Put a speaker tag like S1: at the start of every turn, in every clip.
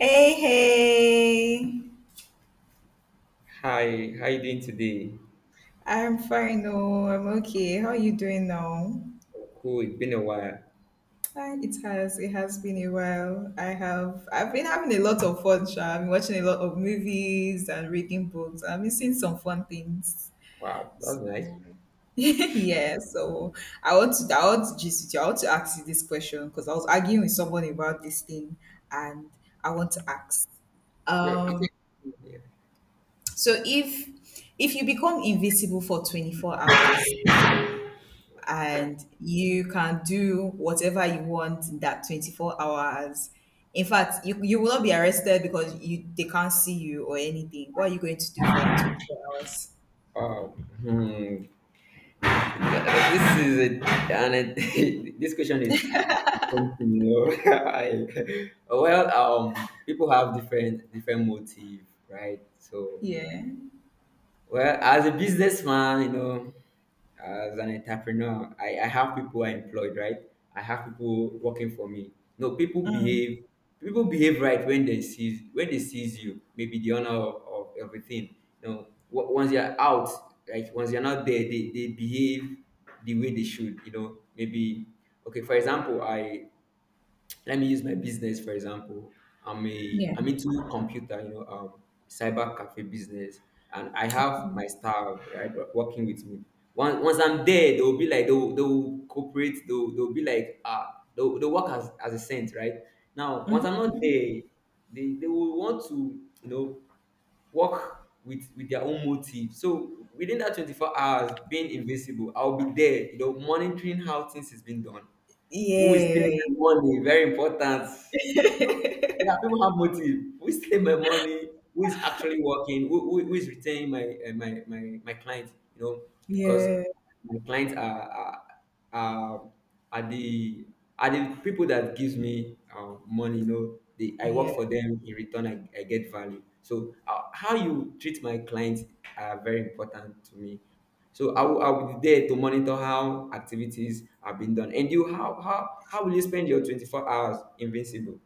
S1: Hey, hey.
S2: Hi, how you doing today?
S1: I'm fine. No, I'm okay. How are you doing now?
S2: Oh, cool, it's been a while.
S1: It has been a while. I've been having a lot of fun, sha. I've been watching a lot of movies and reading books. I've been seeing some fun things.
S2: Wow, that was nice.
S1: Yeah, so I want to ask you this question because I was arguing with someone about this thing and I want to ask.
S2: Yeah, it's
S1: Um
S2: a- yeah.
S1: so if you become invisible for 24 hours, and you can do whatever you want in that 24 hours. In fact, you will not be arrested because you they can't see you or anything. What are you going to do for that 24 hours?
S2: Oh, hmm. This is a, and it, this question is tempting, you know. People have different motive, right? So,
S1: Yeah.
S2: well, as a businessman, you know, as an entrepreneur, I have people I employed, right? I have people working for me. No, people behave right when they sees you, maybe the honor of everything. You know, once you're out, like once you're not there, they behave the way they should, you know, maybe okay, for example, I let me use my business for example. i'm a
S1: Yeah.
S2: i'm into computer, you know, cyber cafe business, and I have my
S1: Um,
S2: staff, right, working with me. Once I'm there, they'll be like, they'll cooperate, they'll be like, ah, they'll work as a saint, right? Now once I'm not there, they will want to, you know, work with their own motive. So within that 24 hours being invisible, I'll be there, you know, monitoring how things is being done. Who is
S1: Yeah.
S2: stealing my money? Very important. Yeah, people have motive. Who is taking my money? Who is actually working? Who is retaining my, my clients? You know, because
S1: Yeah.
S2: my clients are, are the people that gives me, money. You know, they, I work
S1: Yeah.
S2: for them. In return, I get value. So, how you treat my clients are very important to me. So I will be there to monitor how activities are being done. And you, how will you spend your 24 hours invincible?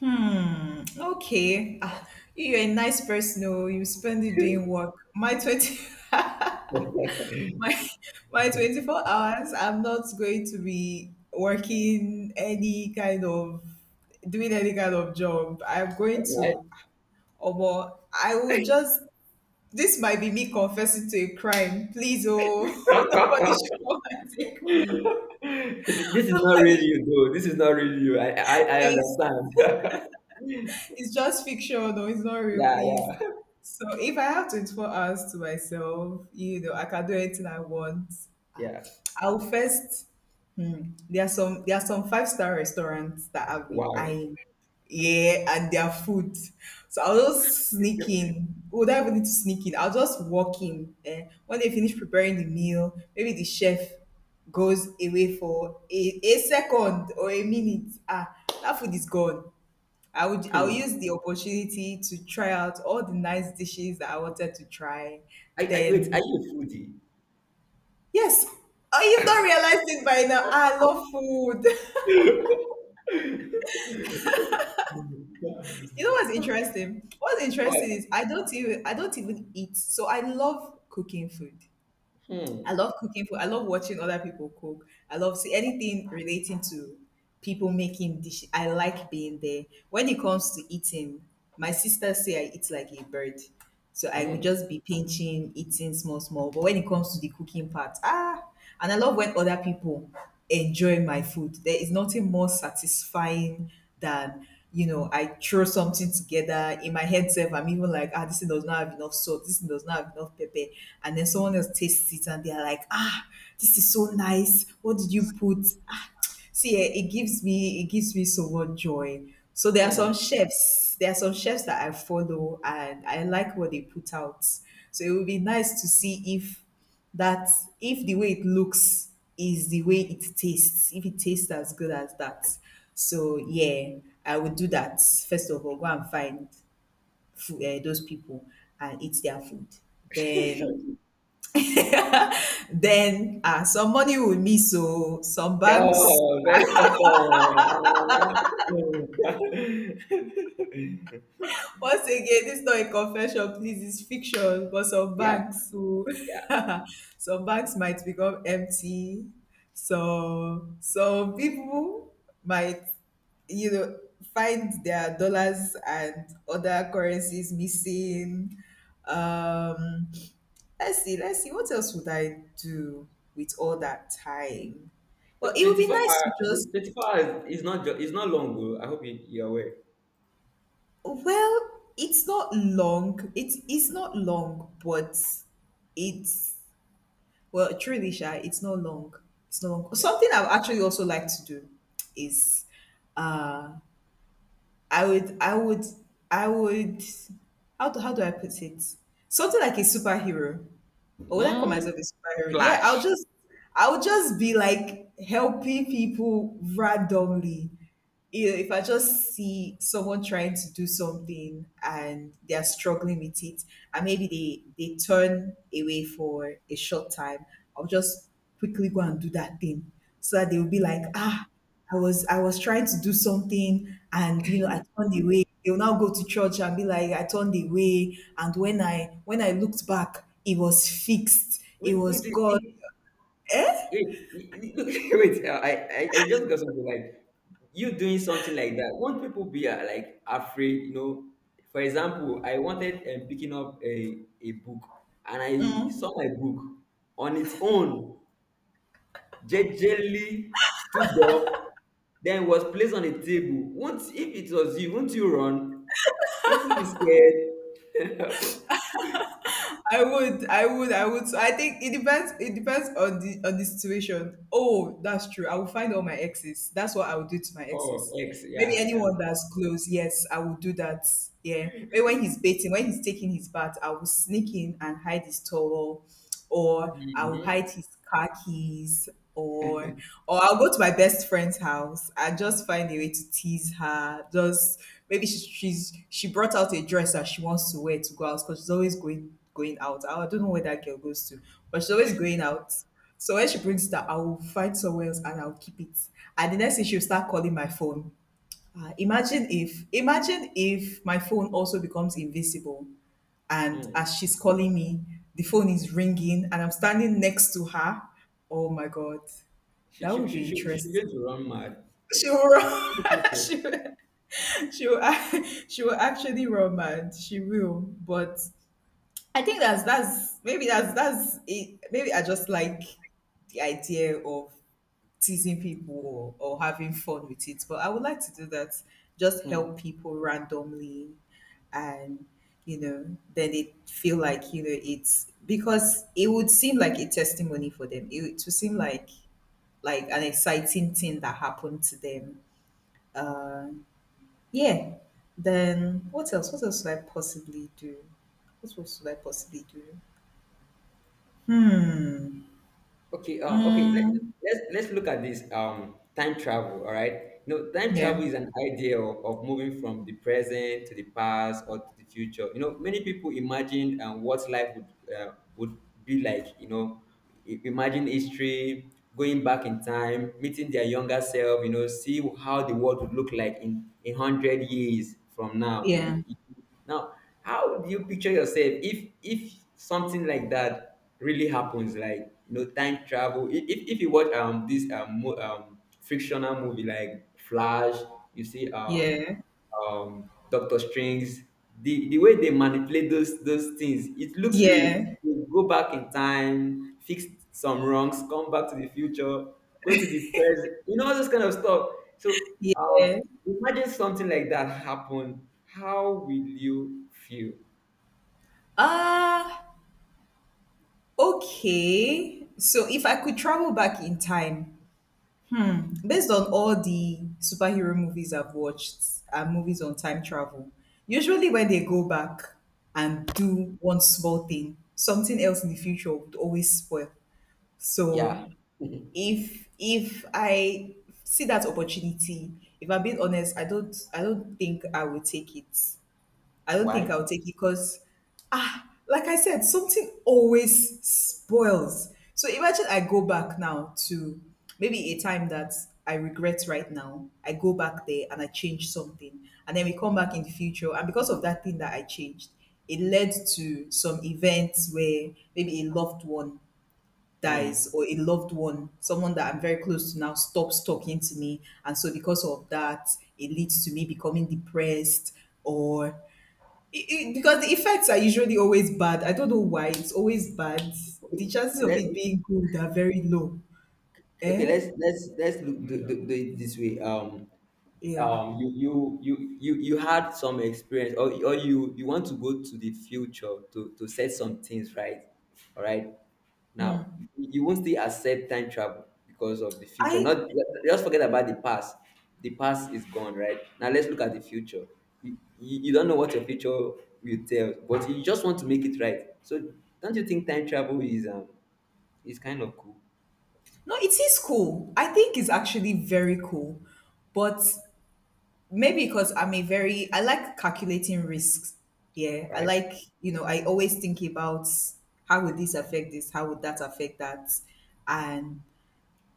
S1: Hmm. Okay. You're a nice person. Oh, you spend it doing work. My 20. my my 24 hours, I'm not going to be working any kind of doing any kind of job. I'm going
S2: This
S1: to, or more, I would just, this might be me confessing to a crime, please. Oh, nobody should come and take me.
S2: is not really
S1: Nobody.
S2: you, though. This is not really you. I
S1: Yes,
S2: understand.
S1: it's just fiction. No, it's not real,
S2: Yeah,
S1: please.
S2: yeah,
S1: So if I have 24 hours to myself, you know, I can do anything I want.
S2: yeah.
S1: I'll first, there are some five-star restaurants that I've been
S2: Wow.
S1: eyeing. Yeah, and their food. So I'll just sneak in. Would I even need to sneak in? I'll just walk in. Eh? When they finish preparing the meal, maybe the chef goes away for a second or a minute. Ah, that food is gone. I'll
S2: Hmm.
S1: use the opportunity to try out all the nice dishes that I wanted to try.
S2: I wait. Are
S1: Then
S2: you a foodie?
S1: yes. Oh, you've not realized it by now. I love food. You know what's interesting? What's interesting
S2: What?
S1: is I don't even eat. So I love cooking food. I
S2: Hmm.
S1: love cooking food. I love watching other people cook. I love see anything relating to people making dishes. I like being there. When it comes to eating, my sisters say I eat like a bird. So I will
S2: Hmm.
S1: just be pinching, eating small, small. But when it comes to the cooking part, ah, and I love when other people enjoy my food. There is nothing more satisfying than, you know, I throw something together in my head self. I'm even like, ah, this thing does not have enough salt, this thing does not have enough pepper. And then someone else tastes it and they're like, ah, this is so nice. What did you put? Ah, see, eh, it gives me so much joy. So
S2: Hmm.
S1: there are some chefs that I follow and I like what they put out. So it would be nice to see if that if the way it looks is the way it tastes, if it tastes as good as that. So yeah, I would do that. First of all, go and find food, those people and eat their food. Then, then ah, some money will miss. So some banks,
S2: Oh, Harry Potter.
S1: once again, this is not a confession, please. It's fiction, but some
S2: yeah,
S1: banks will,
S2: yeah.
S1: some banks might become empty. So, some people might, you know, find their dollars and other currencies missing. Um, let's see, let's see. What else would I do with all that time? Well, it would
S2: Twenty
S1: be
S2: four
S1: nice to
S2: hours.
S1: just,
S2: 24 hours is not is not long, though. I hope you, you're aware.
S1: well, it's not long. It's not long, but it's, well, truly, shy. It's not long. It's not long. Something I would actually also like to do is, uh, I would, I would, I would. How do I put it? Something like a superhero. Oh, that come as of
S2: Mm,
S1: inspiring. Yeah,
S2: Flash.
S1: I'll just be like helping people randomly. You know, if I just see someone trying to do something and they're struggling with it, and maybe they turn away for a short time, I'll just quickly go and do that thing so that they will be like, ah, I was trying to do something and you know I turned away. They'll now go to church and be like, I turned away. And when I looked back, it was fixed. It
S2: Wait, wait,
S1: was
S2: wait,
S1: God.
S2: wait, wait, wait. I just got something like you doing something like that. Won't people be, like, afraid? You know, for example, I wanted, picking up a book and I saw my book on its own, gingerly stood up, then was placed on a table. Won't, if it was you, won't you run? Won't you be scared?
S1: I would. So I think it depends. It depends on the situation. Oh, that's true. I will find all my exes. That's what I will do to my
S2: Oh,
S1: exes.
S2: X,
S1: Maybe
S2: yeah,
S1: anyone that's close. Yes, I will do that. Yeah. Maybe when he's baiting, when he's taking his bath, I will sneak in and hide his towel or I'll
S2: yeah.
S1: hide his car keys or or I'll go to my best friend's house. I just find a way to tease her. Just maybe she brought out a dress that she wants to wear to go out because she's always going out. I don't know where that girl goes to, but she's always going out. So when she brings that, I will find somewhere else and I'll keep it. And the next thing she'll start calling my phone. Ah, imagine if my phone also becomes invisible and
S2: Mhm.
S1: as she's calling me, the phone is ringing and I'm standing next to her. Oh my god,
S2: She
S1: that
S2: she
S1: would
S2: she
S1: be
S2: she she's going
S1: interesting.
S2: to run mad.
S1: She will run. she, will- she will actually run mad. She will, but I think that's maybe that's it. Maybe I just like the idea of teasing people or having fun with it. But I would like to do that, just
S2: Hmm.
S1: help people randomly and you know, then they feel like, you know, it's because it would seem like a testimony for them. It would seem like an exciting thing that happened to them. Uh, yeah. Then what else? What else should I possibly do? What else should I possibly do? Hmm.
S2: Okay,
S1: Mm,
S2: let's look at this time travel. All right. No, time
S1: yeah.
S2: travel is an idea of moving from the present to the past or to the future. You know, many people imagine, what life would, would be like. You know, imagine history, going back in time, meeting their younger self. You know, see how the world would look like in a hundred years from now.
S1: Yeah.
S2: Now, how do you picture yourself if something like that really happens, like, you know, time travel? If you watch, this, fictional movie like Flash, you see,
S1: Yeah.
S2: Doctor Strings, the way they manipulate those things, it looks real.
S1: Yeah.
S2: You go back in time, fix some wrongs, come back to the future, go to the present, you know, all those kind of stuff. So,
S1: Yeah.
S2: imagine something like that happen, how will you feel?
S1: Ah, okay. So if I could travel back in time, hmm, based on all the superhero movies I've watched and movies on time travel, usually when they go back and do one small thing, something else in the future would always spoil.
S2: Yeah.
S1: So if I see that opportunity, if I'm being honest, I don't think I will take it. I don't think
S2: Why?
S1: I'll take it because, ah, like I said, something always spoils. So imagine I go back now to maybe a time that I regret right now. I go back there and I change something. And then we come back in the future. And because of that thing that I changed, it led to some events where maybe a loved one
S2: Mm.
S1: dies or a loved one, someone that I'm very close to now, stops talking to me. And so because of that, it leads to me becoming depressed or it, because the effects are usually always bad. I don't know why it's always bad. The chances of
S2: Let
S1: it being good are very low.
S2: okay.
S1: Eh?
S2: Let's look, do, do, do it this way.
S1: Yeah.
S2: You you had some experience, or you want to go to the future to set some things right, all right, now you won't still accept time travel because of the future,
S1: I
S2: not just forget about the past. The past is gone. Right now let's look at the future. You don't know what your future will tell, but you just want to make it right. So don't you think time travel is, is kind of cool,
S1: No, it is cool. I think it's actually very cool, but maybe because I'm a very, I like calculating risks. Yeah, I
S2: right?
S1: like, you know, I always think about how would this affect this, how would that affect that, and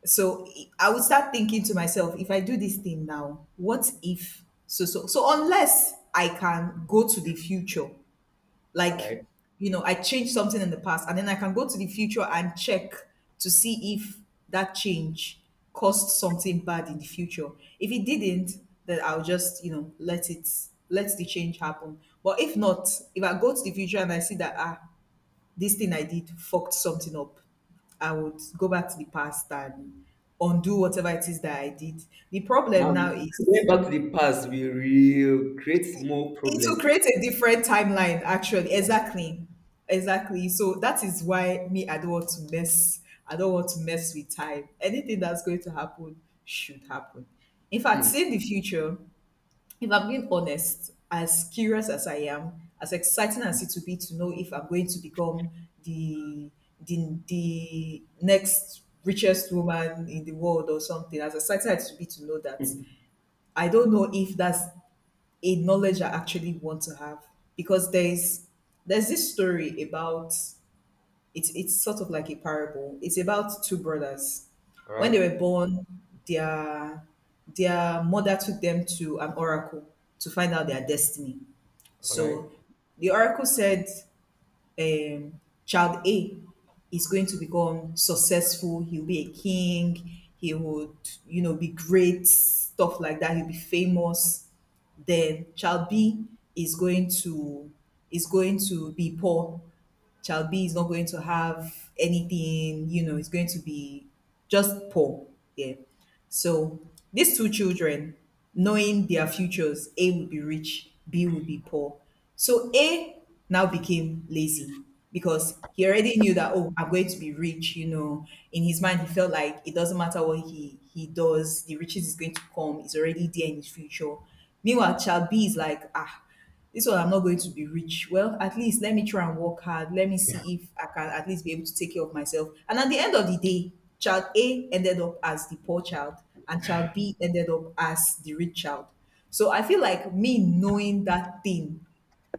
S1: so I would start thinking to myself, if I do this thing now, what if so so so, unless I can go to the future,
S2: All
S1: like,
S2: right.
S1: you know, I change something in the past and then I can go to the future and check to see if that change caused something bad in the future. If it didn't, then I'll just, you know, let it, let the change happen. But if not, if I go to the future and I see that ah, this thing I did fucked something up, I would go back to the past and undo whatever it is that I did. The
S2: Now,
S1: problem now
S2: going
S1: is
S2: back to the past we will create more
S1: it will
S2: problem.
S1: create a different timeline, actually.
S2: Yeah.
S1: Exactly. Exactly. So that is why me, I don't want to mess. I don't want to mess with time. Anything that's going to happen should happen. In fact,
S2: Hmm.
S1: seeing the future, if I'm being honest, as curious as I am, as exciting as it would be to know if I'm going to become the the next richest woman in the world or something, as exciting as it would be to know that,
S2: Hmm.
S1: I don't know if that's a knowledge I actually want to have. Because there's this story about, it's sort of like a parable. It's about two brothers.
S2: All
S1: When
S2: right.
S1: they were born, their their mother took them to an oracle to find out their destiny.
S2: All right.
S1: So the oracle said, um, child A is going to become successful. He'll be a king. He would, you know, be great, stuff like that. He'll be famous. Then child B is going to is going to be poor. Child B is not going to have anything, it's going to be just poor. Yeah. So these two children, knowing their futures, A would be rich, B would be poor. So A now became lazy because he already knew that, oh, I'm going to be rich, In his mind, he felt like it doesn't matter what he does, the riches is going to come, it's already there in his future. Meanwhile, child B is like, ah, this one I'm not going to be rich, well at least let me try and work hard, let me see if I can at least be able to take care of myself. And at the end of the day, child A ended up as the poor child, and child B ended up as the rich child. So I feel like me knowing that thing,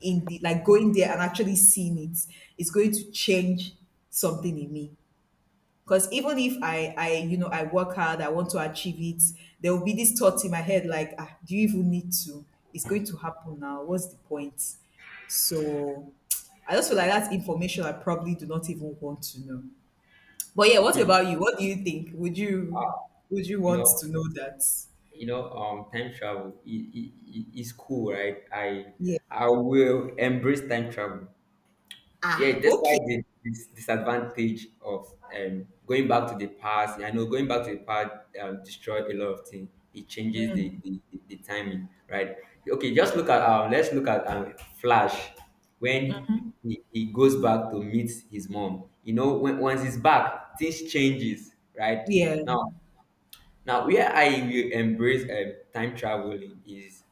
S1: in the, like, going there and actually seeing it is going to change something in me, because even if I work hard, I want to achieve it, there will be this thought in my head like, ah, do you even need to? It's going to happen now. What's the point? So I just feel like that's information I probably do not even want to know. But yeah, what
S2: Hmm.
S1: about you? What do you think? Would you
S2: You
S1: want
S2: know.
S1: to know that?
S2: You know. Time travel is cool, right?
S1: Yeah.
S2: I will embrace time travel. Yeah,
S1: Ah,
S2: that's why
S1: okay.
S2: the disadvantage of, going back to the past, I know going back to the past, destroyed a lot of things. It changes the timing, right? Okay, just look at, Flash, when he goes back to meet his mom. You know, when once he's back, things changes, right?
S1: Yeah,
S2: Now, now, where I will embrace, time traveling is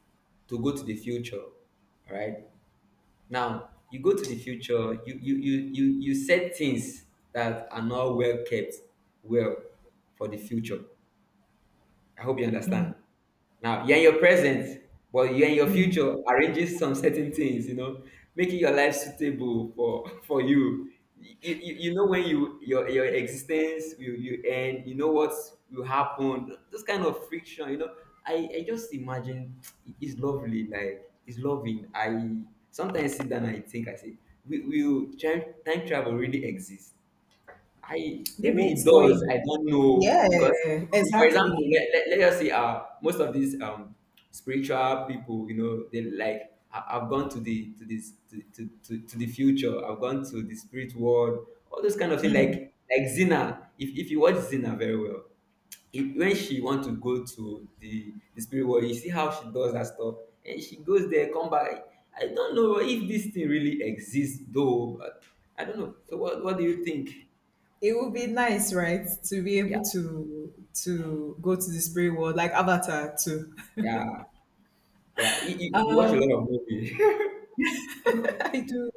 S2: to go to the future, right? Now you go to the future, you set things that are not well kept well for the future. I hope you understand. Now, you're in your present, but you're in your
S1: yeah.
S2: future, arranges some certain things, you know, making your life suitable for for you. You know when you your existence will you end, you know what will happen. This kind of friction, you know. I just imagine it's lovely, like it's loving. I sometimes sit down and I think I say, will time travel really exist? I
S1: The way
S2: maybe it
S1: it's
S2: does.
S1: going.
S2: I don't know
S1: Yeah,
S2: because, for example,
S1: exactly.
S2: let us say, most of these, spiritual people, you know, they like I've gone to the to this to the future. I've gone to the spirit world. All those kind of thing. Like Zina. If you watch Zina very well, if, when she want to go to the spirit world, you see how she does that stuff, and she goes there, come back. I don't know if this thing really exists though, but I don't know. So what do you think?
S1: It would be nice, right, to be able to go to the spirit world like Avatar too.
S2: Yeah, yeah. You watch a lot of movies.
S1: I do,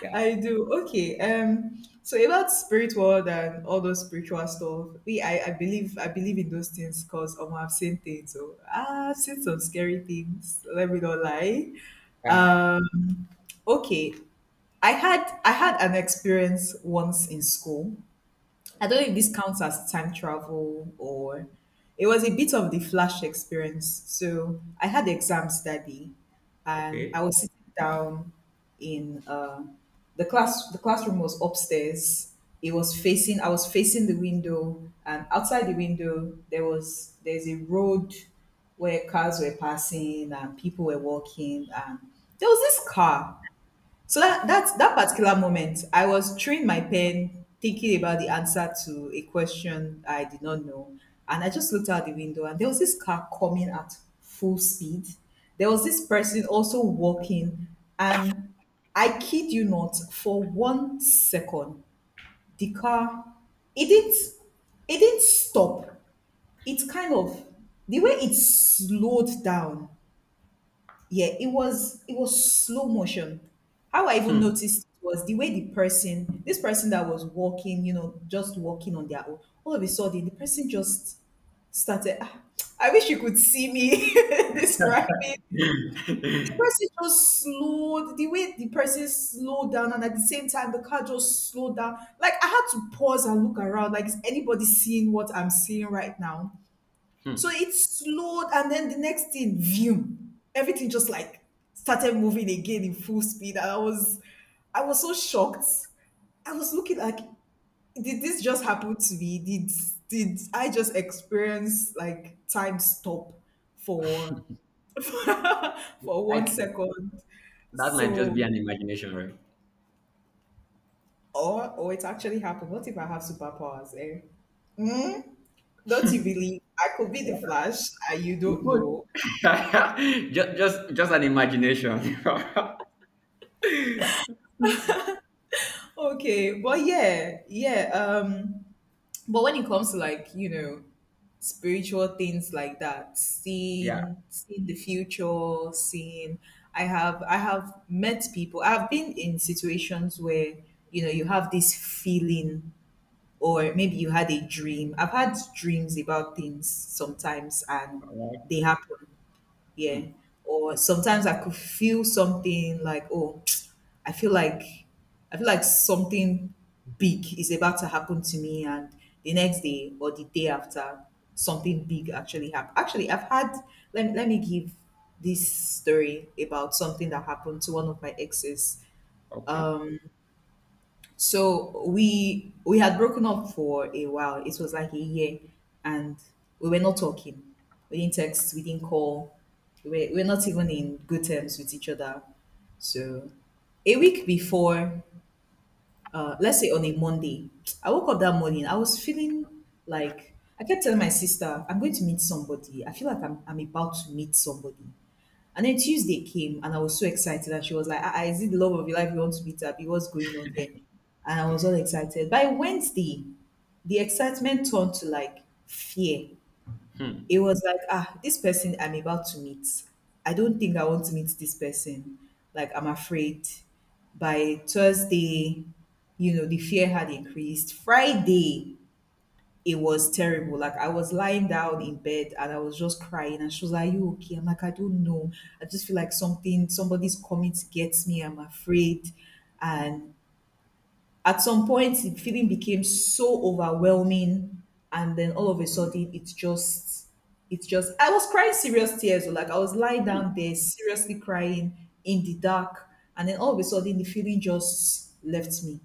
S2: yeah,
S1: I do. Okay. So about spirit world and all those spiritual stuff, I believe, I believe in those things because I've seen things. So I've seen some scary things. Let me not lie.
S2: yeah.
S1: Um. Okay. I had an experience once in school. I don't know if this counts as time travel, or it was a bit of the flash experience. So I had exams that day and
S2: Okay.
S1: I was sitting down in the class the classroom was upstairs. It was facing I was facing the window, and outside the window there's a road where cars were passing and people were walking. And there was this car, so that particular moment, I was chewing my pen, thinking about the answer to a question I did not know, and I just looked out the window, and there was this car coming at full speed. There was this person also walking, and I kid you not, for 1 second, the car, it didn't it didn't stop. It kind of, the way it slowed down, yeah, it was slow motion. How I even noticed was the way the person, this person that was walking, you know, just walking on their own, all of a sudden the person just started. Ah, I wish you could see me describing. The person just slowed, the way the person slowed down, and at the same time, the car just slowed down. Like, I had to pause and look around, like, is anybody seeing what I'm seeing right now? So
S2: Hmm.
S1: it slowed, and then the next thing, view, everything just, like, started moving again in full speed. And I was so shocked. I was looking like, did this just happen to me? Did I just experience, like, time stop for for one
S2: Like,
S1: second?
S2: that might just
S1: So,
S2: be an imagination, right?
S1: or it actually happened. What if I have superpowers? Eh? Don't you believe I could be the Flash? I, you
S2: It
S1: don't
S2: could.
S1: know.
S2: Just an imagination.
S1: Okay, but yeah, yeah. But when it comes to, like, you know, spiritual things like that,
S2: yeah.
S1: seeing the future, seeing, I have met people. I've been in situations where, you know, you have this feeling, or maybe you had a dream. I've had dreams about things sometimes, and
S2: All
S1: they
S2: right.
S1: happen, yeah.
S2: Hmm.
S1: Or sometimes I could feel something like, oh, i feel like I feel like something big is about to happen to me, and the next day or the day after, something big actually happened. Actually, I've had, let me give this story about something that happened to one of my exes.
S2: Okay.
S1: So we had broken up for a while. It was like a year, and we were not talking. We didn't text. We didn't call. We were not even in good terms with each other. So a week before, let's say on a Monday, I woke up that morning. I was feeling like, I kept telling my sister, I'm going to meet somebody. I feel like I'm about to meet somebody. And then Tuesday came and I was so excited. And she was like, ah, ah, is it the love of your life you want to meet up? What's going on here? And I was all excited. By Wednesday, the excitement turned to like fear.
S2: Hmm.
S1: It was like, ah, this person I'm about to meet, I don't think I want to meet this person. Like, I'm afraid. By Thursday, you know, the fear had increased. Friday, it was terrible. Like, I was lying down in bed and I was just crying. And she was like, are you okay? I'm like, I don't know. I just feel like something, somebody's coming to get me. I'm afraid. And at some point the feeling became so overwhelming, and then all of a sudden it's just, I was crying serious tears, oh, like I was lying
S2: Hmm.
S1: down there seriously crying in the dark. And then all of a sudden the feeling just left me,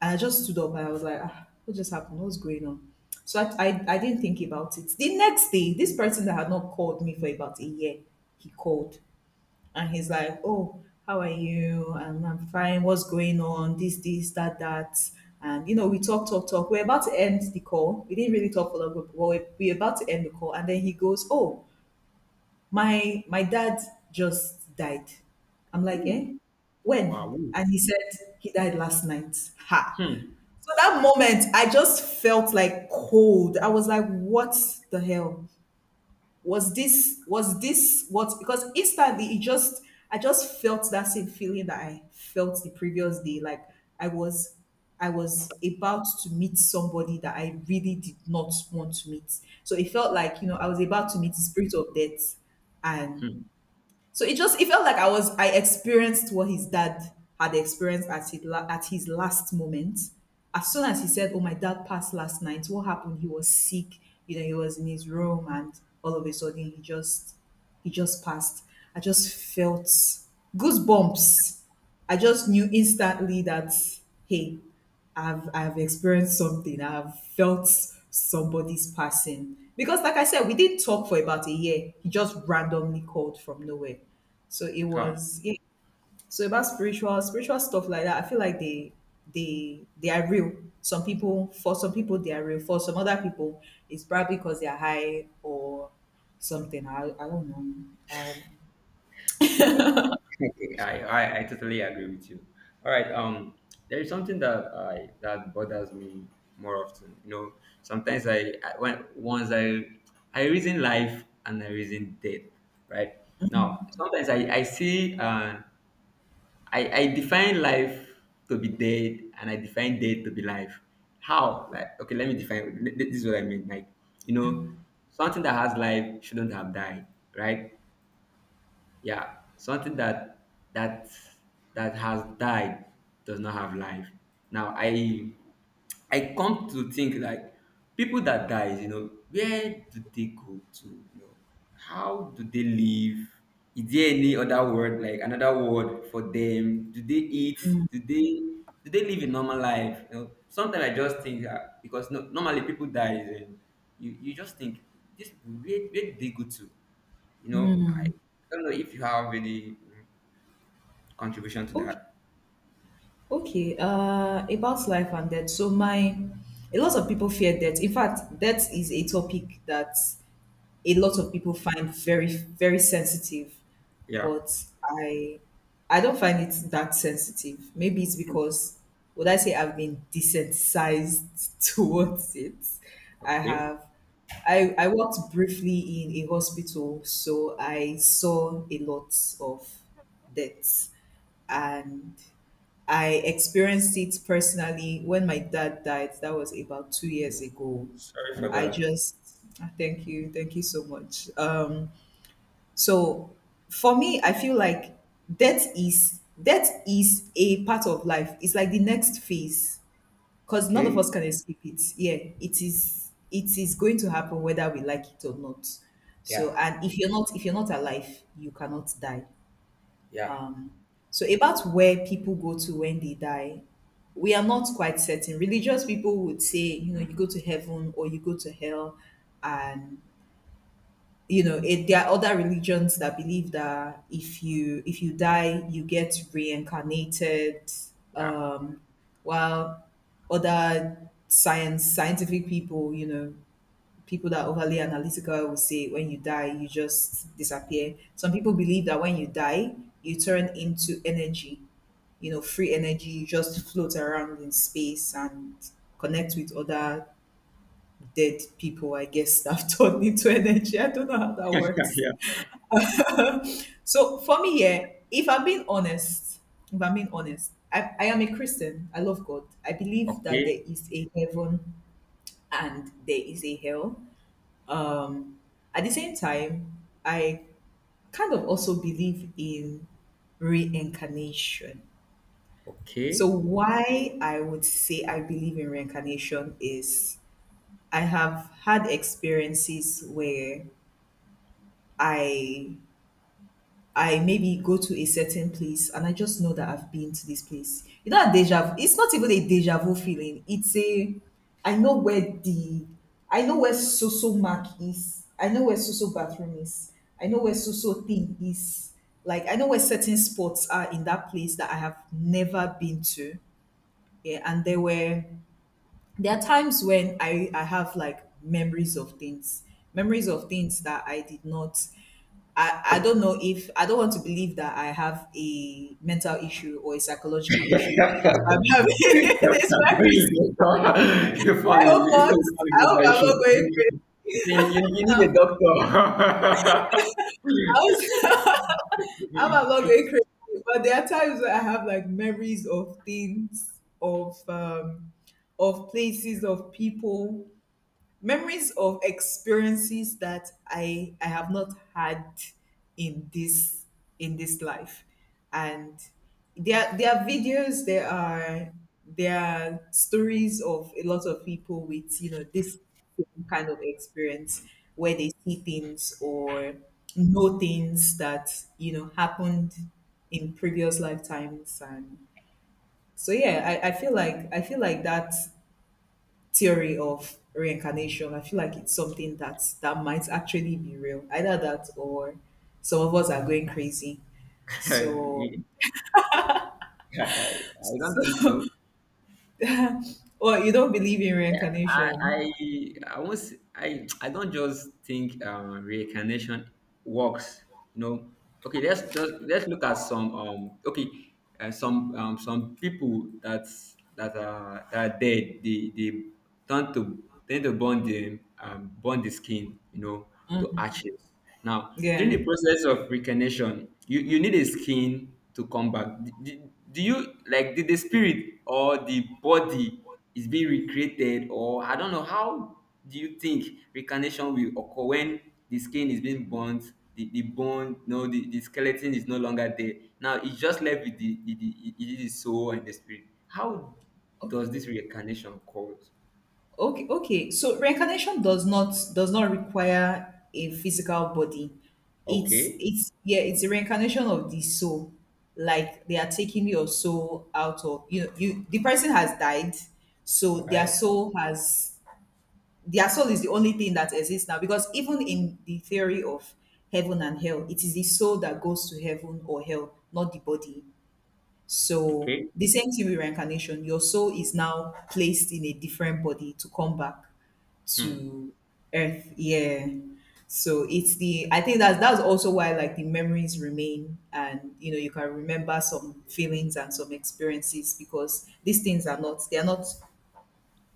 S1: and I just stood up and I was like, ah, what just happened, what's going on? So I didn't think about it. The next day, this person that had not called me for about a year, he called. And he's like, "Oh, how are you?" And I'm fine. What's going on? This, that, that. And you know, we talk, talk, talk. We're about to end the call. We didn't really talk for long, but we're about to end the call. And then he goes, "Oh, my dad just died." I'm like,
S2: Ooh.
S1: "Eh, when?"
S2: Wow.
S1: And he said he died last night. Ha.
S2: Hmm.
S1: So that moment, I just felt like cold. I was like, "What the hell?" Was this what? Because instantly it just, I just felt that same feeling that I felt the previous day, like i was I was about to meet somebody that I really did not want to meet. So it felt like, you know, I was about to meet the spirit of death. And
S2: Hmm.
S1: so it just, it felt like I experienced what his dad had experienced at his at his last moment. As soon as he said, "Oh, my dad passed last night," what happened? He was sick. You know, he was in his room, and all of a sudden, he just passed. I just felt goosebumps. I just knew instantly that, hey, I've experienced something. I've felt somebody's passing. Because like I said, we didn't talk for about a year. He just randomly called from nowhere. So it
S2: Huh.
S1: was, yeah. So about spiritual stuff like that, I feel like they they are real. Some people, for some people they are real. For some other people, it's probably because they are high or something. I don't know.
S2: See, okay, I totally agree with you. All right. There is something that I that bothers me more often. You know, sometimes I when once I reason life and I reason death. Right now, sometimes I see, I define life to be dead and I define death to be life. How? Like, okay, let me define. This is what I mean. Like, you know, something that has life shouldn't have died, right? Yeah, something that that has died does not have life. Now I come to think, like, people that dies, you know, where do they go to? You know, how do they live? Is there any other word, like, another word for them? Do they eat? do they do they live a normal life? You know, sometimes I just think, because no, normally people dies and you just think, these people, where do they go to? You know, I don't know if you have any, contribution to
S1: Okay.
S2: that.
S1: Okay, about life and death. So a lot of people fear death. In fact, death is a topic that a lot of people find very, very sensitive,
S2: Yeah.
S1: but I don't find it that sensitive. Maybe it's because, would I say I've been desensitized towards it? I
S2: Okay.
S1: have, I worked briefly in a hospital, so I saw a lot of deaths. And I experienced it personally when my dad died. That was about two
S2: Yeah.
S1: years ago.
S2: Sorry for
S1: I
S2: that.
S1: just, ah, thank you so much. So for me, I feel like death is a part of life. It's like the next phase, because none of
S2: Okay.
S1: us can escape it. Yeah, it is going to happen whether we like it or not.
S2: Yeah.
S1: So, and if you're not, if you're not alive, you cannot die.
S2: Yeah.
S1: So about where people go to when they die, we are not quite certain. Religious people would say, you know, you go to heaven or you go to hell, and, you know, it, there are other religions that believe that if you, if you die, you get reincarnated.
S2: Yeah.
S1: Um, while other science scientific people, you know, people that are overly analytical will say when you die you just disappear. Some people believe that when you die you turn into energy, you know, free energy. You just float around in space and connect with other dead people, I guess, that have turned into energy. I don't know how that works.
S2: yeah.
S1: So for me, yeah, if I'm being honest if I'm being honest I am a Christian. I love God. I believe that
S2: Okay.
S1: there is a heaven and there is a hell. Um, at the same time, I kind of also believe in reincarnation. So,
S2: Okay.
S1: why I would say I believe in reincarnation is I have had experiences where I I maybe go to a certain place and I just know that I've been to this place. You know, a deja vu. It's not even a deja vu feeling. It's a I know where the I know where Soso Mark is. I know where Soso bathroom is. I know where Soso thing is. Like I know where certain spots are in that place that I have never been to. Yeah, and there are times when I have like memories of things that I did not. I don't know if I don't want to believe that I have a mental issue or a psychological
S2: You
S1: issue.
S2: found
S1: That's why I'm having
S2: funny.
S1: this memories.
S2: You do
S1: I hope not.
S2: a
S1: I
S2: good
S1: hope I'm
S2: digestion.
S1: not going crazy.
S2: You, you need a doctor.
S1: I hope I hope I'm not going crazy. But there are times where I have like memories of things, of places, of people, memories of experiences that I have not had in this life. And there are videos, there are stories of a lot of people with, you know, this same kind of experience, where they see things or know things that, you know, happened in previous lifetimes. And so yeah, I feel like I feel like that theory of reincarnation, I feel like it's something that might actually be real. Either that or some of us are going crazy. So,
S2: I, I I don't think so.
S1: oh, you don't believe in
S2: Yeah, I
S1: reincarnation?
S2: I I won't s- I don't just think, reincarnation works. You know, okay. Let's just let's look at some, okay, some people that are that are dead. They tend to tend to burn the, burn the skin. You know, to ashes. Now during
S1: Yeah.
S2: the process of reincarnation, you need a skin to come back. Do, do, do you, like, did the spirit or the body is being recreated, or I don't know how. Do you think reincarnation will occur when the skin is being burnt, the bone, no, the, the skeleton is no longer there, now it's just left with the the soul and the spirit? How does
S1: Okay.
S2: this reincarnation occur?
S1: Okay. Okay. So reincarnation does not require a physical body. It's
S2: Okay.
S1: it's yeah, it's a reincarnation of the soul. Like they are taking your soul out of you. Know, you, the person has died, so
S2: All
S1: their
S2: right.
S1: soul has their soul is the only thing that exists now, because even in the theory of heaven and hell, it is the soul that goes to heaven or hell, not the body. So
S2: Okay.
S1: the same thing with reincarnation, your soul is now placed in a different body to come back
S2: Hmm.
S1: to earth. Yeah, so it's the, I think that's also why, like, the memories remain, and you know, you can remember some feelings and some experiences, because these things are not, they are not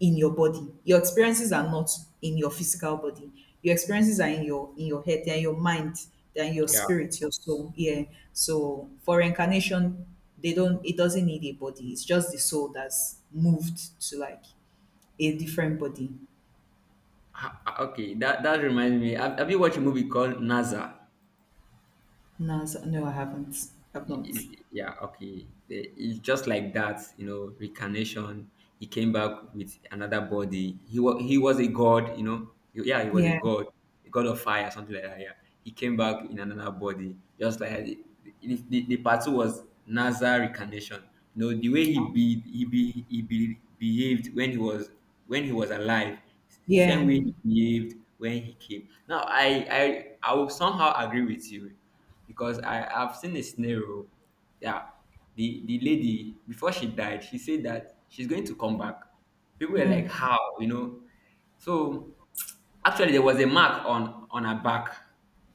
S1: in your body, your experiences are not in your physical body, your experiences are in your, in your head, they're in your mind, they're in your
S2: Yeah.
S1: spirit, your soul. Yeah, so for reincarnation, they don't, it doesn't need a body, it's just the soul that's moved to like a different body.
S2: Ah, okay, that reminds me, have you watched a movie called Nasa?
S1: No, no I haven't, I've not.
S2: Yeah, okay. It's just like that, reincarnation. He came back with another body, he was a god. Yeah, he was a
S1: Yeah.
S2: god, a god of fire, something like that. Yeah, he came back in another body, just like the part two was NASA reincarnation. You know, the way behaved when he was— when he was alive, same
S1: Yeah.
S2: way he behaved when he came. Now, I will somehow agree with you, because I have seen a scenario. Yeah, the lady, before she died, she said that she's going to come back. People were like, "How?" So actually, there was a mark on her back.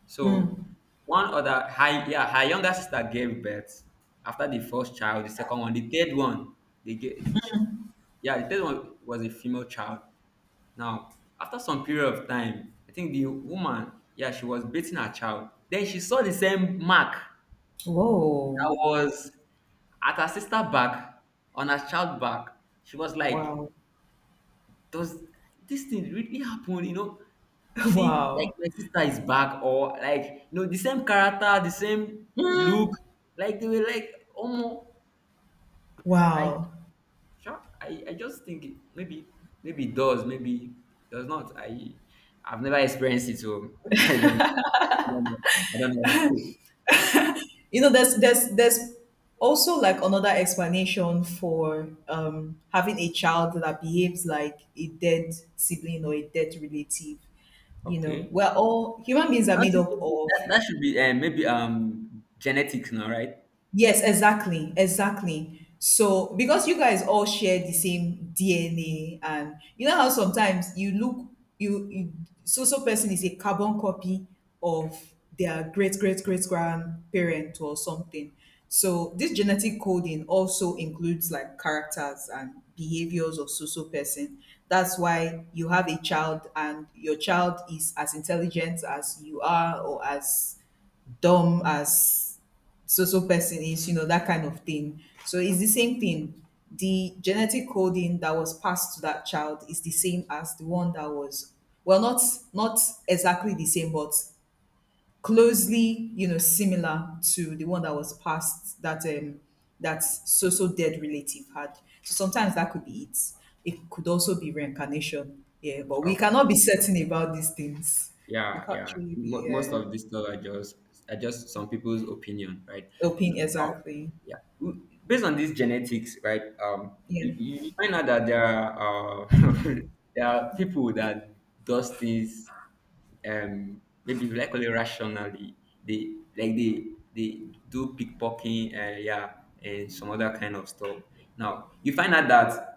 S2: So one other, her yeah, her younger sister gave birth after the first child, the second one, the third one. They gave, she, yeah, the third one was a female child. Now, after some period of time, I think the woman, yeah, she was beating her child. Then she saw the same mark that
S1: Whoa.
S2: was at her sister back, on her child back. She was like,
S1: Wow.
S2: "Does this thing really happen?" Seeing like
S1: Wow.
S2: my sister is back, or like, the same character, the same
S1: Mm.
S2: look. Like, they were like almost right.
S1: Wow.
S2: Sure. I just think maybe it does, maybe it does not. I've never experienced it, so I don't know. I don't know. Yeah.
S1: You know, there's also like another explanation for having a child that behaves like a dead sibling or a dead relative. You know,
S2: Okay.
S1: we're all, human beings are
S2: Not
S1: made
S2: to
S1: up
S2: think
S1: of—
S2: that should be maybe genetics now, right?
S1: Yes, exactly, exactly. So because you guys all share the same DNA, and you know how sometimes you look, you so so person is a carbon copy of their great great great grandparent or something. So this genetic coding also includes like characters and behaviors of so so person. That's why you have a child, and your child is as intelligent as you are, or as dumb as so so person is, you know, that kind of thing. So it's the same thing. The genetic coding that was passed to that child is the same as the one that was, well, not exactly the same, but closely, you know, similar to the one that was passed, that that so so dead relative had. So sometimes that could be it. It could also be reincarnation. Yeah, but we cannot be certain about these things. We
S2: Yeah,
S1: can't
S2: yeah.
S1: truly
S2: Mo
S1: be
S2: Most of this stuff are just some people's opinion, right?
S1: open,
S2: Oh,
S1: exactly.
S2: yeah. Based on these genetics, right? Um, you,
S1: Yeah.
S2: you find out that there are there are people that does things maybe we like call it rationally. They like they do pickpocketing, yeah, and some other kind of stuff. Now you find out that,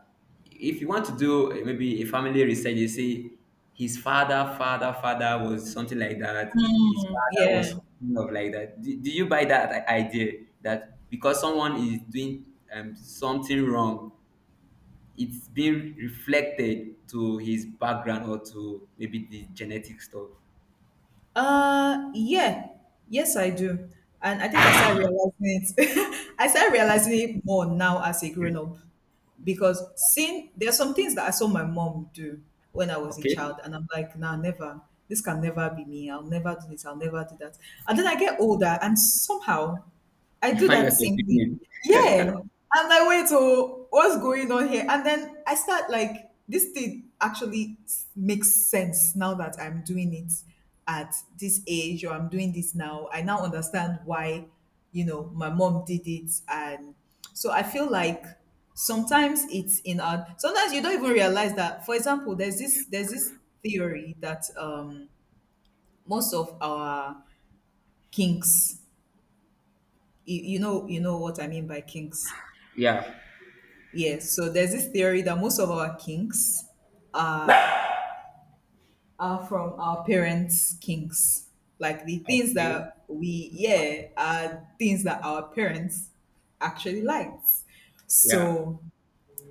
S2: if you want to do maybe a family research, you see his father, father, father was something like that. His father
S1: Yeah.
S2: was kind of like that. Do you buy that idea that because someone is doing something wrong, it's being reflected to his background or to maybe the genetic stuff?
S1: Yeah. Yes, I do. And I think I started realizing it. I started realizing it more now as a grown up, because seeing, there's some things that I saw my mom do when I was a
S2: Okay,
S1: child, and I'm like, nah, never. This can never be me. I'll never do this. I'll never do that. And then I get older, and somehow I
S2: you
S1: do
S2: find
S1: that
S2: yourself
S1: same thing.
S2: doing it.
S1: Yeah. I'm like, wait, so what's going on here? And then I start like, this thing actually makes sense now that I'm doing it at this age, or I'm doing this now. I now understand why, you know, my mom did it. And so I feel like sometimes it's in our, sometimes you don't even realize that, for example, there's this theory that most of our kinks, you know, you know what I mean by kinks.
S2: Yeah.
S1: Yes, so there's this theory that most of our kinks are from our parents' kinks. Like the things
S2: Okay.
S1: that we, yeah, are things that our parents actually liked.
S2: Yeah,
S1: So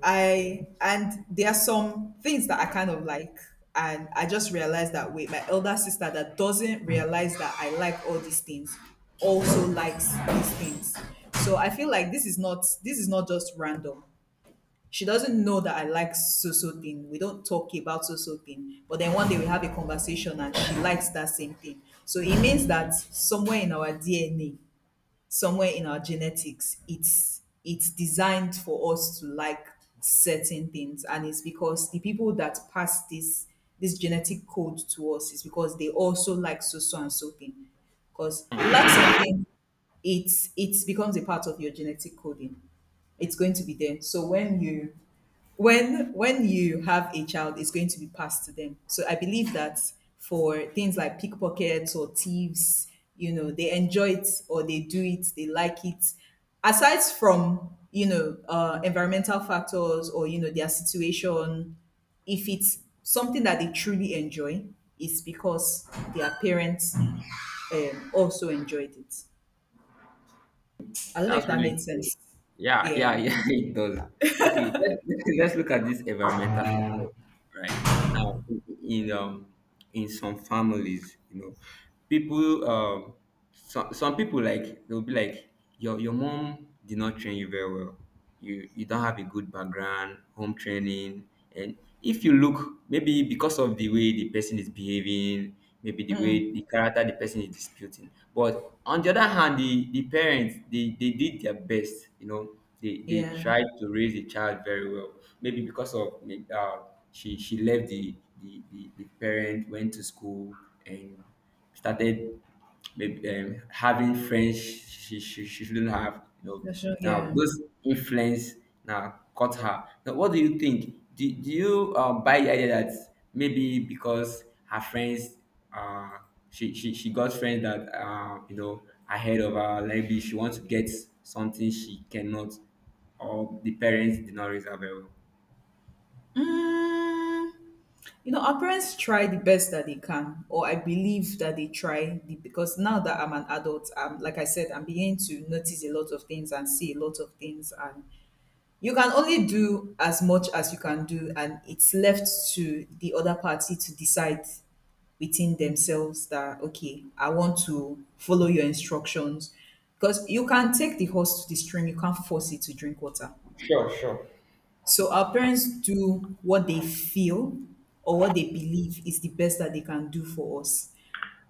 S1: I, and there are some things that I kind of like. And I just realized that, wait, my elder sister that doesn't realize that I like all these things also likes these things. So I feel like this is not just random. She doesn't know that I like so so thing. We don't talk about so so thing. But then one day we have a conversation and she likes that same thing. So it means that somewhere in our DNA, somewhere in our genetics, it's designed for us to like certain things. And it's because the people that pass this genetic code to us is because they also like so so and so thing. Because you like something, it becomes a part of your genetic coding, it's going to be there. So when you have a child, it's going to be passed to them. So I believe that for things like pickpockets or thieves, you know, they enjoy it, or they do it, they like it, aside from, you know, environmental factors or, you know, their situation. If it's something that they truly enjoy, it's because their parents also enjoyed it. I don't know if
S2: that's
S1: that
S2: really
S1: made
S2: cool.
S1: sense.
S2: Yeah,
S1: Yeah.
S2: yeah, yeah, it does. Okay, let's, let's look at this environmental factor. Right now, in some families, people, some people like, they'll be like, your mom did not train you very well, you don't have a good background, home training. And if you look, maybe because of the way the person is behaving, maybe the way the character the person is disputing. But on the other hand, the parents, they did their best, they
S1: Yeah.
S2: tried to raise the child very well. Maybe because of uh, she left the, parent went to school and started maybe having friends she shouldn't have,
S1: National—
S2: now
S1: yeah.
S2: those influence now caught her. Now what do you think? Do you buy the idea that maybe because her friends— uh she got friends that ahead of her, like, maybe she wants to get something she cannot, or the parents did not raise her very well?
S1: Mm. You know, our parents try the best that they can, or I believe that they try the, because now that I'm an adult, like I said, I'm beginning to notice a lot of things and see a lot of things, and you can only do as much as you can do, and it's left to the other party to decide within themselves that okay, I want to follow your instructions, because you can take the horse to the stream, you can't force it to drink water.
S2: Sure, sure.
S1: So our parents do what they feel or what they believe is the best that they can do for us.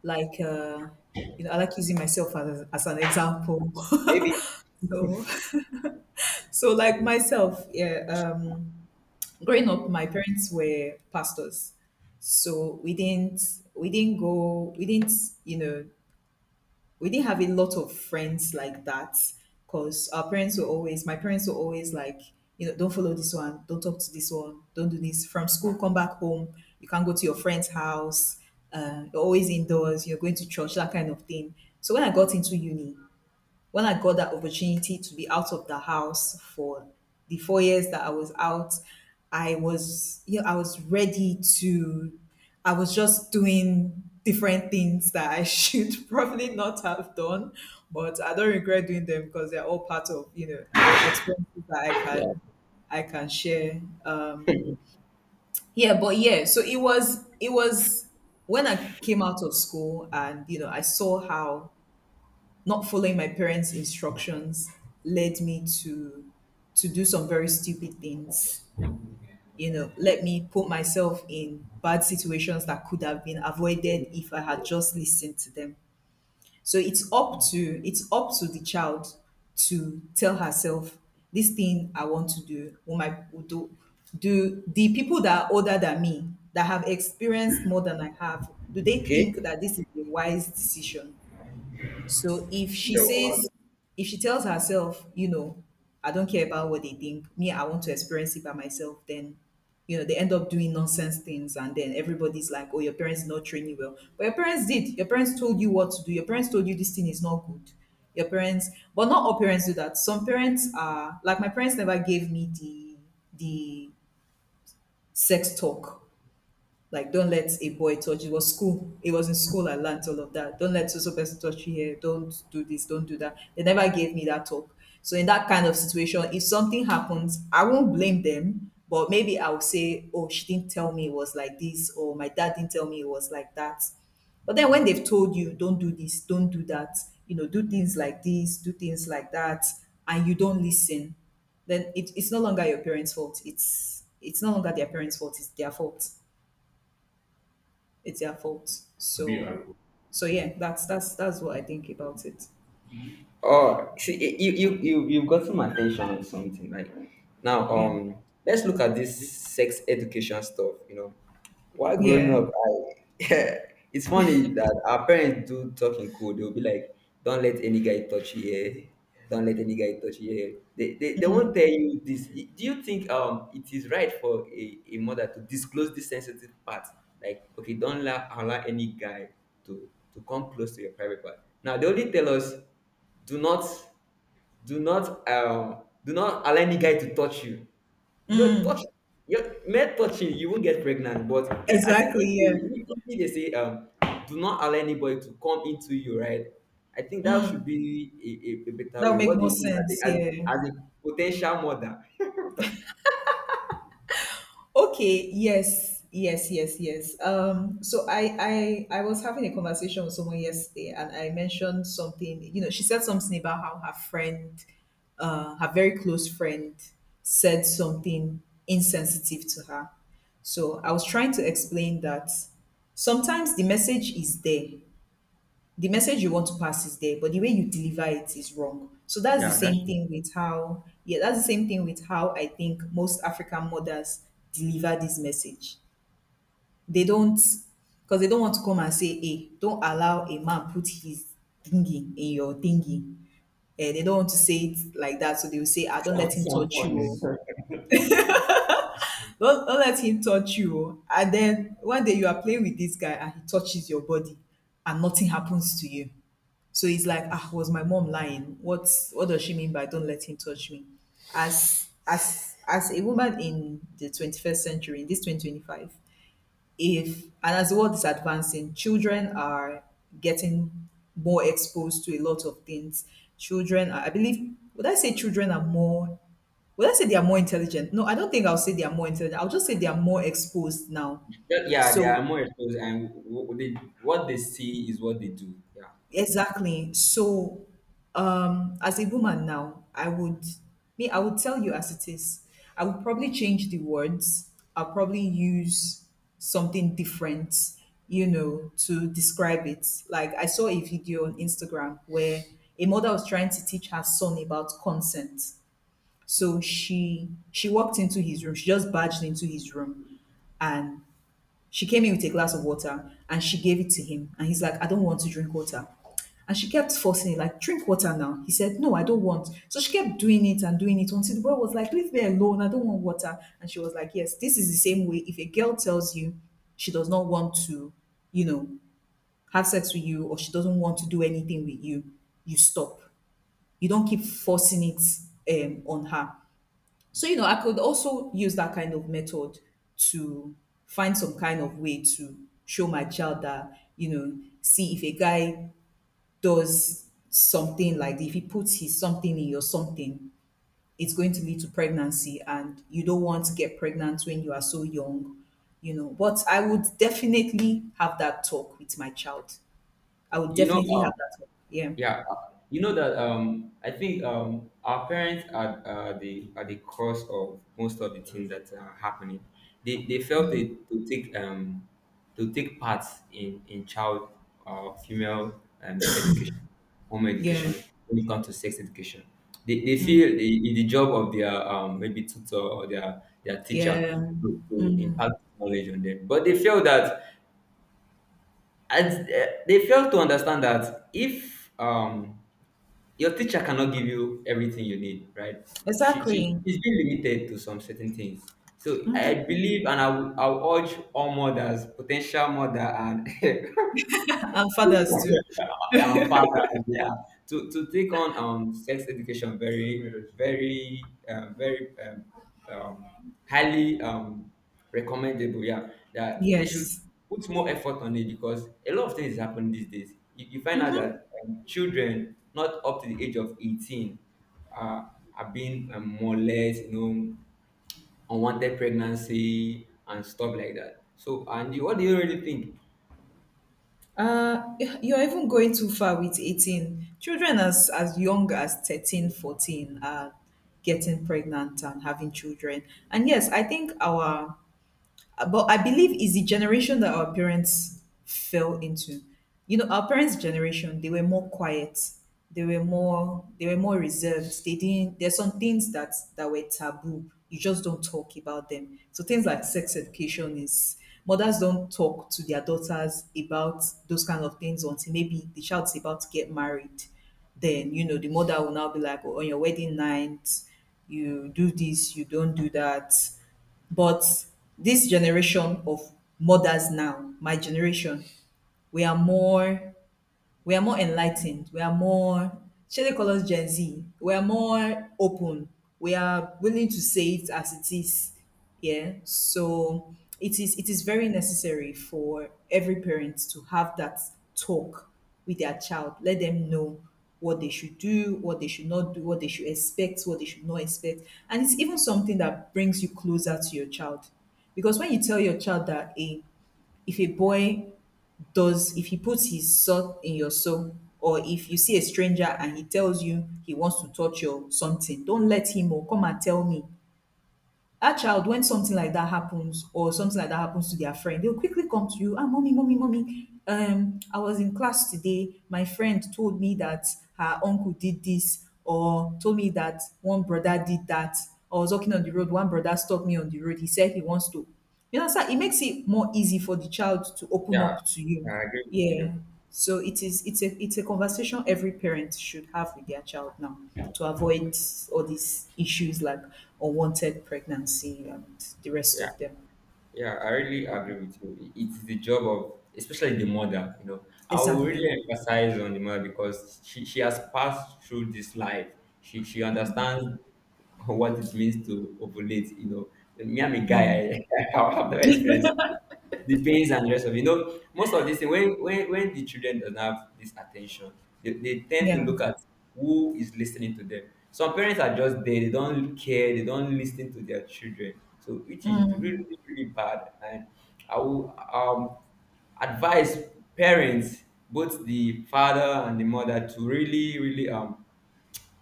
S1: Like, you know, I like using myself as an example.
S2: Maybe.
S1: So, so like myself, yeah, um, growing up, my parents were pastors, so we didn't go, we didn't, you know, we didn't have a lot of friends like that, because our parents were always my parents were always like, you know, don't follow this one, don't talk to this one, don't do this, from school come back home, you can't go to your friend's house, you're always indoors, you're going to church, that kind of thing. So when I got into uni, when I got that opportunity to be out of the house for the 4 years that I was out, I was, you know, I was just doing different things that I should probably not have done, but I don't regret doing them because they're all part of, you know, experiences that I can share. Yeah, but yeah, so it was when I came out of school, and you know, I saw how not following my parents' instructions led me to do some very stupid things. You know, let me put myself in bad situations that could have been avoided if I had just listened to them. So it's up to the child to tell herself, this thing I want to do, Will my will do do the people that are older than me, that have experienced more than I have, do they think
S2: Okay.
S1: that this is a wise decision? So if she
S2: Yauwa da
S1: says, if she tells herself, you know, I don't care about what they think, me, I want to experience it by myself, then, you know, they end up doing nonsense things. And then everybody's like, oh, your parents did not train you well. But your parents did. Your parents told you what to do. Your parents told you this thing is not good. Your parents, but not all parents do that. Some parents are, like, my parents never gave me the sex talk, like, don't let a boy touch. It was school. It was in school I learned all of that. Don't let so so person touch you here. Don't do this. Don't do that. They never gave me that talk. So in that kind of situation, if something happens, I won't blame them. But maybe I'll say, oh, she didn't tell me it was like this, or my dad didn't tell me it was like that. But then when they've told you, don't do this, don't do that, you know, do things like this, do things like that, and you don't listen, then it's no longer your parents' fault. It's no longer their parents' fault. It's their fault, it's their fault.
S2: ɗabi'ar.
S1: So yeah, that's what I think about it.
S2: Oh, see, you've gotten my attention on something. Like now,
S1: Yeah.
S2: let's look at this sex education stuff. You know, while growing
S1: Yeah.
S2: up, I it's funny that our parents do talk in code. They'll be like, "Don't let any guy touch you here. Don't let any guy touch you here." They won't tell you this. Do you think it is right for a mother to disclose this sensitive part? Like, okay, don't allow any guy to come close to your private part. Now they only tell us. Do not, do not allow any guy to touch you. No, touch. Your— men touching, you won't get pregnant. But if, I think
S1: Exactly.
S2: if,
S1: Yeah.
S2: if, if they say, do not allow anybody to come into you, right? I think that should be a better
S1: That would
S2: way.
S1: make
S2: What do
S1: more
S2: you think
S1: sense.
S2: as a,
S1: Yeah.
S2: a potential mother?
S1: Okay. Yes. Yes. Yes. Yes. So I was having a conversation with someone yesterday, and I mentioned something. You know, she said something about how her friend, her very close friend, said something insensitive to her. So I was trying to explain that sometimes the message is there, the message you want to pass is there, but the way you deliver it is wrong. So that's the
S2: Yeah, that
S1: same
S2: true.
S1: thing with how, yeah, that's the same thing with how I think most African mothers deliver this message. They don't, because they don't want to come and say, hey, don't allow a man put his thingy in your thingy, and they don't want to say it like that. So they will say, ah, don't
S2: Sound,
S1: let him
S2: sound
S1: touch you,
S2: funny.
S1: oh, don't let him touch you, oh. And then one day you are playing with this guy and he touches your body and nothing happens to you. So he's like, ah, was my mom lying? What's what does she mean by, don't let him touch me? As a woman in the 21st century, in this 2025, if and as the world is advancing, children are getting more exposed to a lot of things. Children are, I believe, would I say children are more, would I say they are more intelligent? No, I don't think I'll say they are more intelligent. I'll just say they are more exposed now.
S2: Yeah, yeah, they are
S1: So,
S2: more exposed, and what they see is what they do. Yeah,
S1: exactly. So, as a woman now, I would, me, I would tell you as it is. I would probably change the words. I'll probably use something different, you know, to describe it. Like, I saw a video on Instagram where a mother was trying to teach her son about consent. So she walked into his room. She just barged into his room and she came in with a glass of water and she gave it to him. And he's like, I don't want to drink water. And she kept forcing it, like, drink water now. He said, no, I don't want. So she kept doing it and doing it until the boy was like, leave me alone, I don't want water. And she was like, yes, this is the same way. If a girl tells you she does not want to, you know, have sex with you, or she doesn't want to do anything with you, you stop. You don't keep forcing it on her. So, you know, I could also use that kind of method to find some kind of way to show my child that, you know, see, if a guy does something, like if he puts his something in your something, it's going to lead to pregnancy, and you don't want to get pregnant when you are so young, you know. But I would definitely have that talk with my child. I would
S2: you know.
S1: definitely
S2: Um,
S1: have that talk. Yeah.
S2: Yeah, you know that I think our parents are the cause of most of the things that are happening. They felt they to take part in child female education, home
S1: Yeah.
S2: education, when it comes to sex education. They
S1: Mm.
S2: feel the it's the job of their maybe tutor or their teacher
S1: Yeah.
S2: to
S1: Mm.
S2: impact knowledge on them, but they feel that they fail to understand that if your teacher cannot give you everything you need, right? She, she
S1: Exactly.
S2: she's been limited to some certain things. So I believe, and I will urge all mothers, potential mother, and
S1: And fathers too.
S2: and fathers, yeah, to take on sex education very, very, very um, highly recommendable. Yeah, that they should
S1: Yes.
S2: put more effort on it, because a lot of things happen these days. You find out that children not up to the age of 18 are, are being more or less, unwanted pregnancy and stuff like that. So, what do you really think?
S1: Uh, you're even going too far with 18. Children as young as 13, 14 are getting pregnant and having children. And yes, I think our but I believe it's the generation that our parents fell into. You know, our parents' generation, they were more quiet. They were more, they were more reserved. They didn't, there's some things that that were taboo. You just don't talk about them. So things like sex education is, mothers don't talk to their daughters about those kind of things until maybe the child's about to get married. Then, you know, the mother will now be like, oh, on your wedding night, you do this, you don't do that. But this generation of mothers now, my generation, we are more, we are more enlightened. We are more, shall they call us Gen Z? We are more open. We are willing to say it as it is. Yeah. So it is, it is very necessary for every parent to have that talk with their child. Let them know what they should do, what they should not do, what they should expect, what they should not expect. And it's even something that brings you closer to your child. Because when you tell your child that, a if a boy does, if he puts his salt in your soul, or if you see a stranger and he tells you he wants to touch your something, don't let him, or come and tell me, that child, when something like that happens or something like that happens to their friend, they'll quickly come to you. Ah, mommy, mommy, mommy, I was in class today, my friend told me that her uncle did this, or told me that one brother did that. I was walking on the road, one brother stopped me on the road, he said he wants to, you understand? It makes it more easy for the child to open
S2: Yeah,
S1: up to you.
S2: I agree with you.
S1: Yeah. So it is, it's a conversation every parent should have with their child now, to avoid all these issues like unwanted pregnancy and the rest
S2: Yeah.
S1: of them.
S2: Yeah, I really agree with you. It's the job of, especially the mother. I will
S1: Exactly.
S2: really emphasize on the mother because she has passed through this life. She understands what it means to ovulate. Me, I'm a guy, I, I've never experienced the pains and the rest of it. You know, most of this thing, when the children don't have this attention, they tend to
S1: Yeah.
S2: look at who is listening to them. Some parents are just there, they don't care, they don't listen to their children, So which is really, really bad. And I will advise parents, both the father and the mother, to really, really um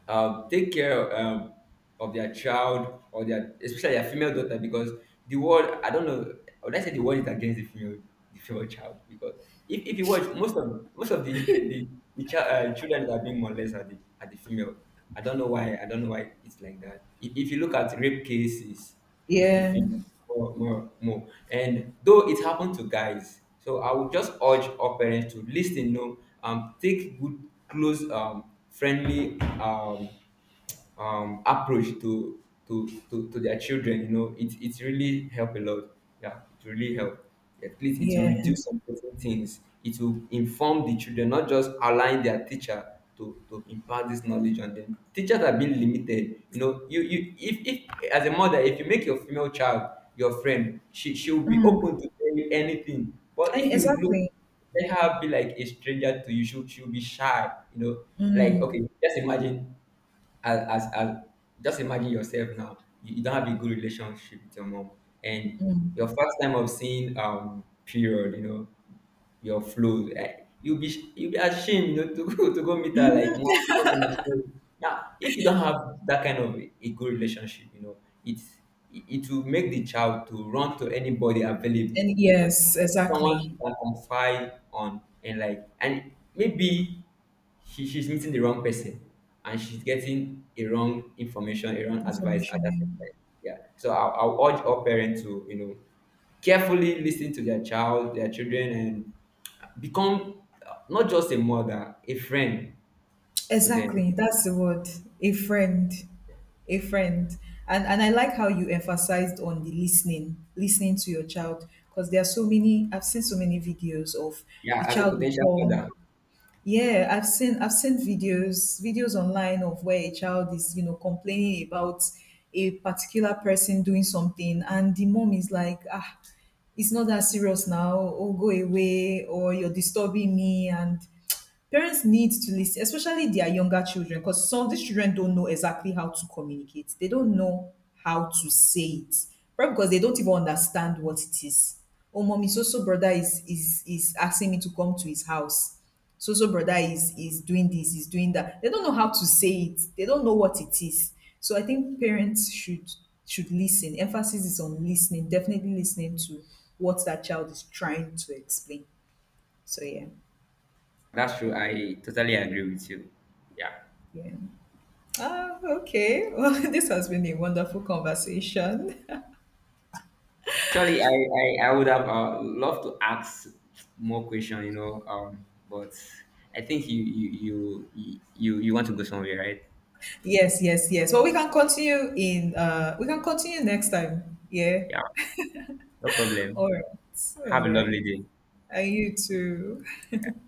S2: um, take care of their child, or their— especially their female daughter, because the world, I don't know, or let's say the world is against the female child, because if you watch most of the the child— children that are being molested are the female. I don't know why, I don't know why it's like that. If you look at rape cases, is the
S1: Yeah.
S2: thing more, more, more. And though it happened to guys, so I would just urge all parents to listen, take good, close, friendly approach to their children. It really help a lot. Yeah, it really help. At least it will
S1: Yeah.
S2: reduce some certain things. It will inform the children, not just allowing their teacher to impart this knowledge on them. Teachers are being limited. You know you you if, if as a mother, if you make your female child your friend, she will be open to tell you anything. But if
S1: And
S2: you look,
S1: exactly.
S2: let her be like a stranger to you, she'll be shy. Like, okay, just imagine— as just imagine yourself now. You don't have a good relationship with your mom, and your first time of seeing period, your flow, you'll be ashamed, to go to go meet her like, "Mom, slow down, slow—" Now if you don't have that kind of a good relationship, it's it will make the child to run to anybody available,
S1: And
S2: you know
S1: yes,
S2: someone
S1: exactly.
S2: she can confide on, and, like, and maybe she's meeting the wrong person, and she's getting a wrong information, a wrong advice at
S1: Information.
S2: that same time. Yeah. So I'll urge all parents to, carefully listen to their child, their children, and become not just a mother, a friend to them.
S1: Exactly, that's the word. A friend, a friend, and I like how you emphasized on the listening, listening to your child, because there are so many. I've seen so many videos of,
S2: Yeah,
S1: the
S2: as a
S1: child will
S2: potential father.
S1: come, yeah, I've seen, I've seen videos online of where a child is, you know, complaining about a particular person doing something, and the mom is like, ah, it's not that serious now, or go away, or you're disturbing me. And parents need to listen, especially their younger children, because some of these children don't know exactly how to communicate. They don't know how to say it. Probably because they don't even understand what it is. Oh, mommy, so so brother is asking me to come to his house, so so brother is doing this, is doing that. They don't know how to say it, they don't know what it is. So I think parents should listen. Emphasis is on listening, definitely listening to what that child is trying to explain. So, yeah.
S2: That's true. I totally agree with you. Yeah.
S1: Yeah. Ah, okay. well, this has been a wonderful conversation.
S2: Actually, I would have loved to ask more question, but I think you want to go somewhere, right?
S1: yes, yes, yes, well, we can continue in we can continue next time, yeah.
S2: Yeah, no problem.
S1: All right,
S2: Have a
S1: all right.
S2: lovely day.
S1: And you too.
S2: Yeah.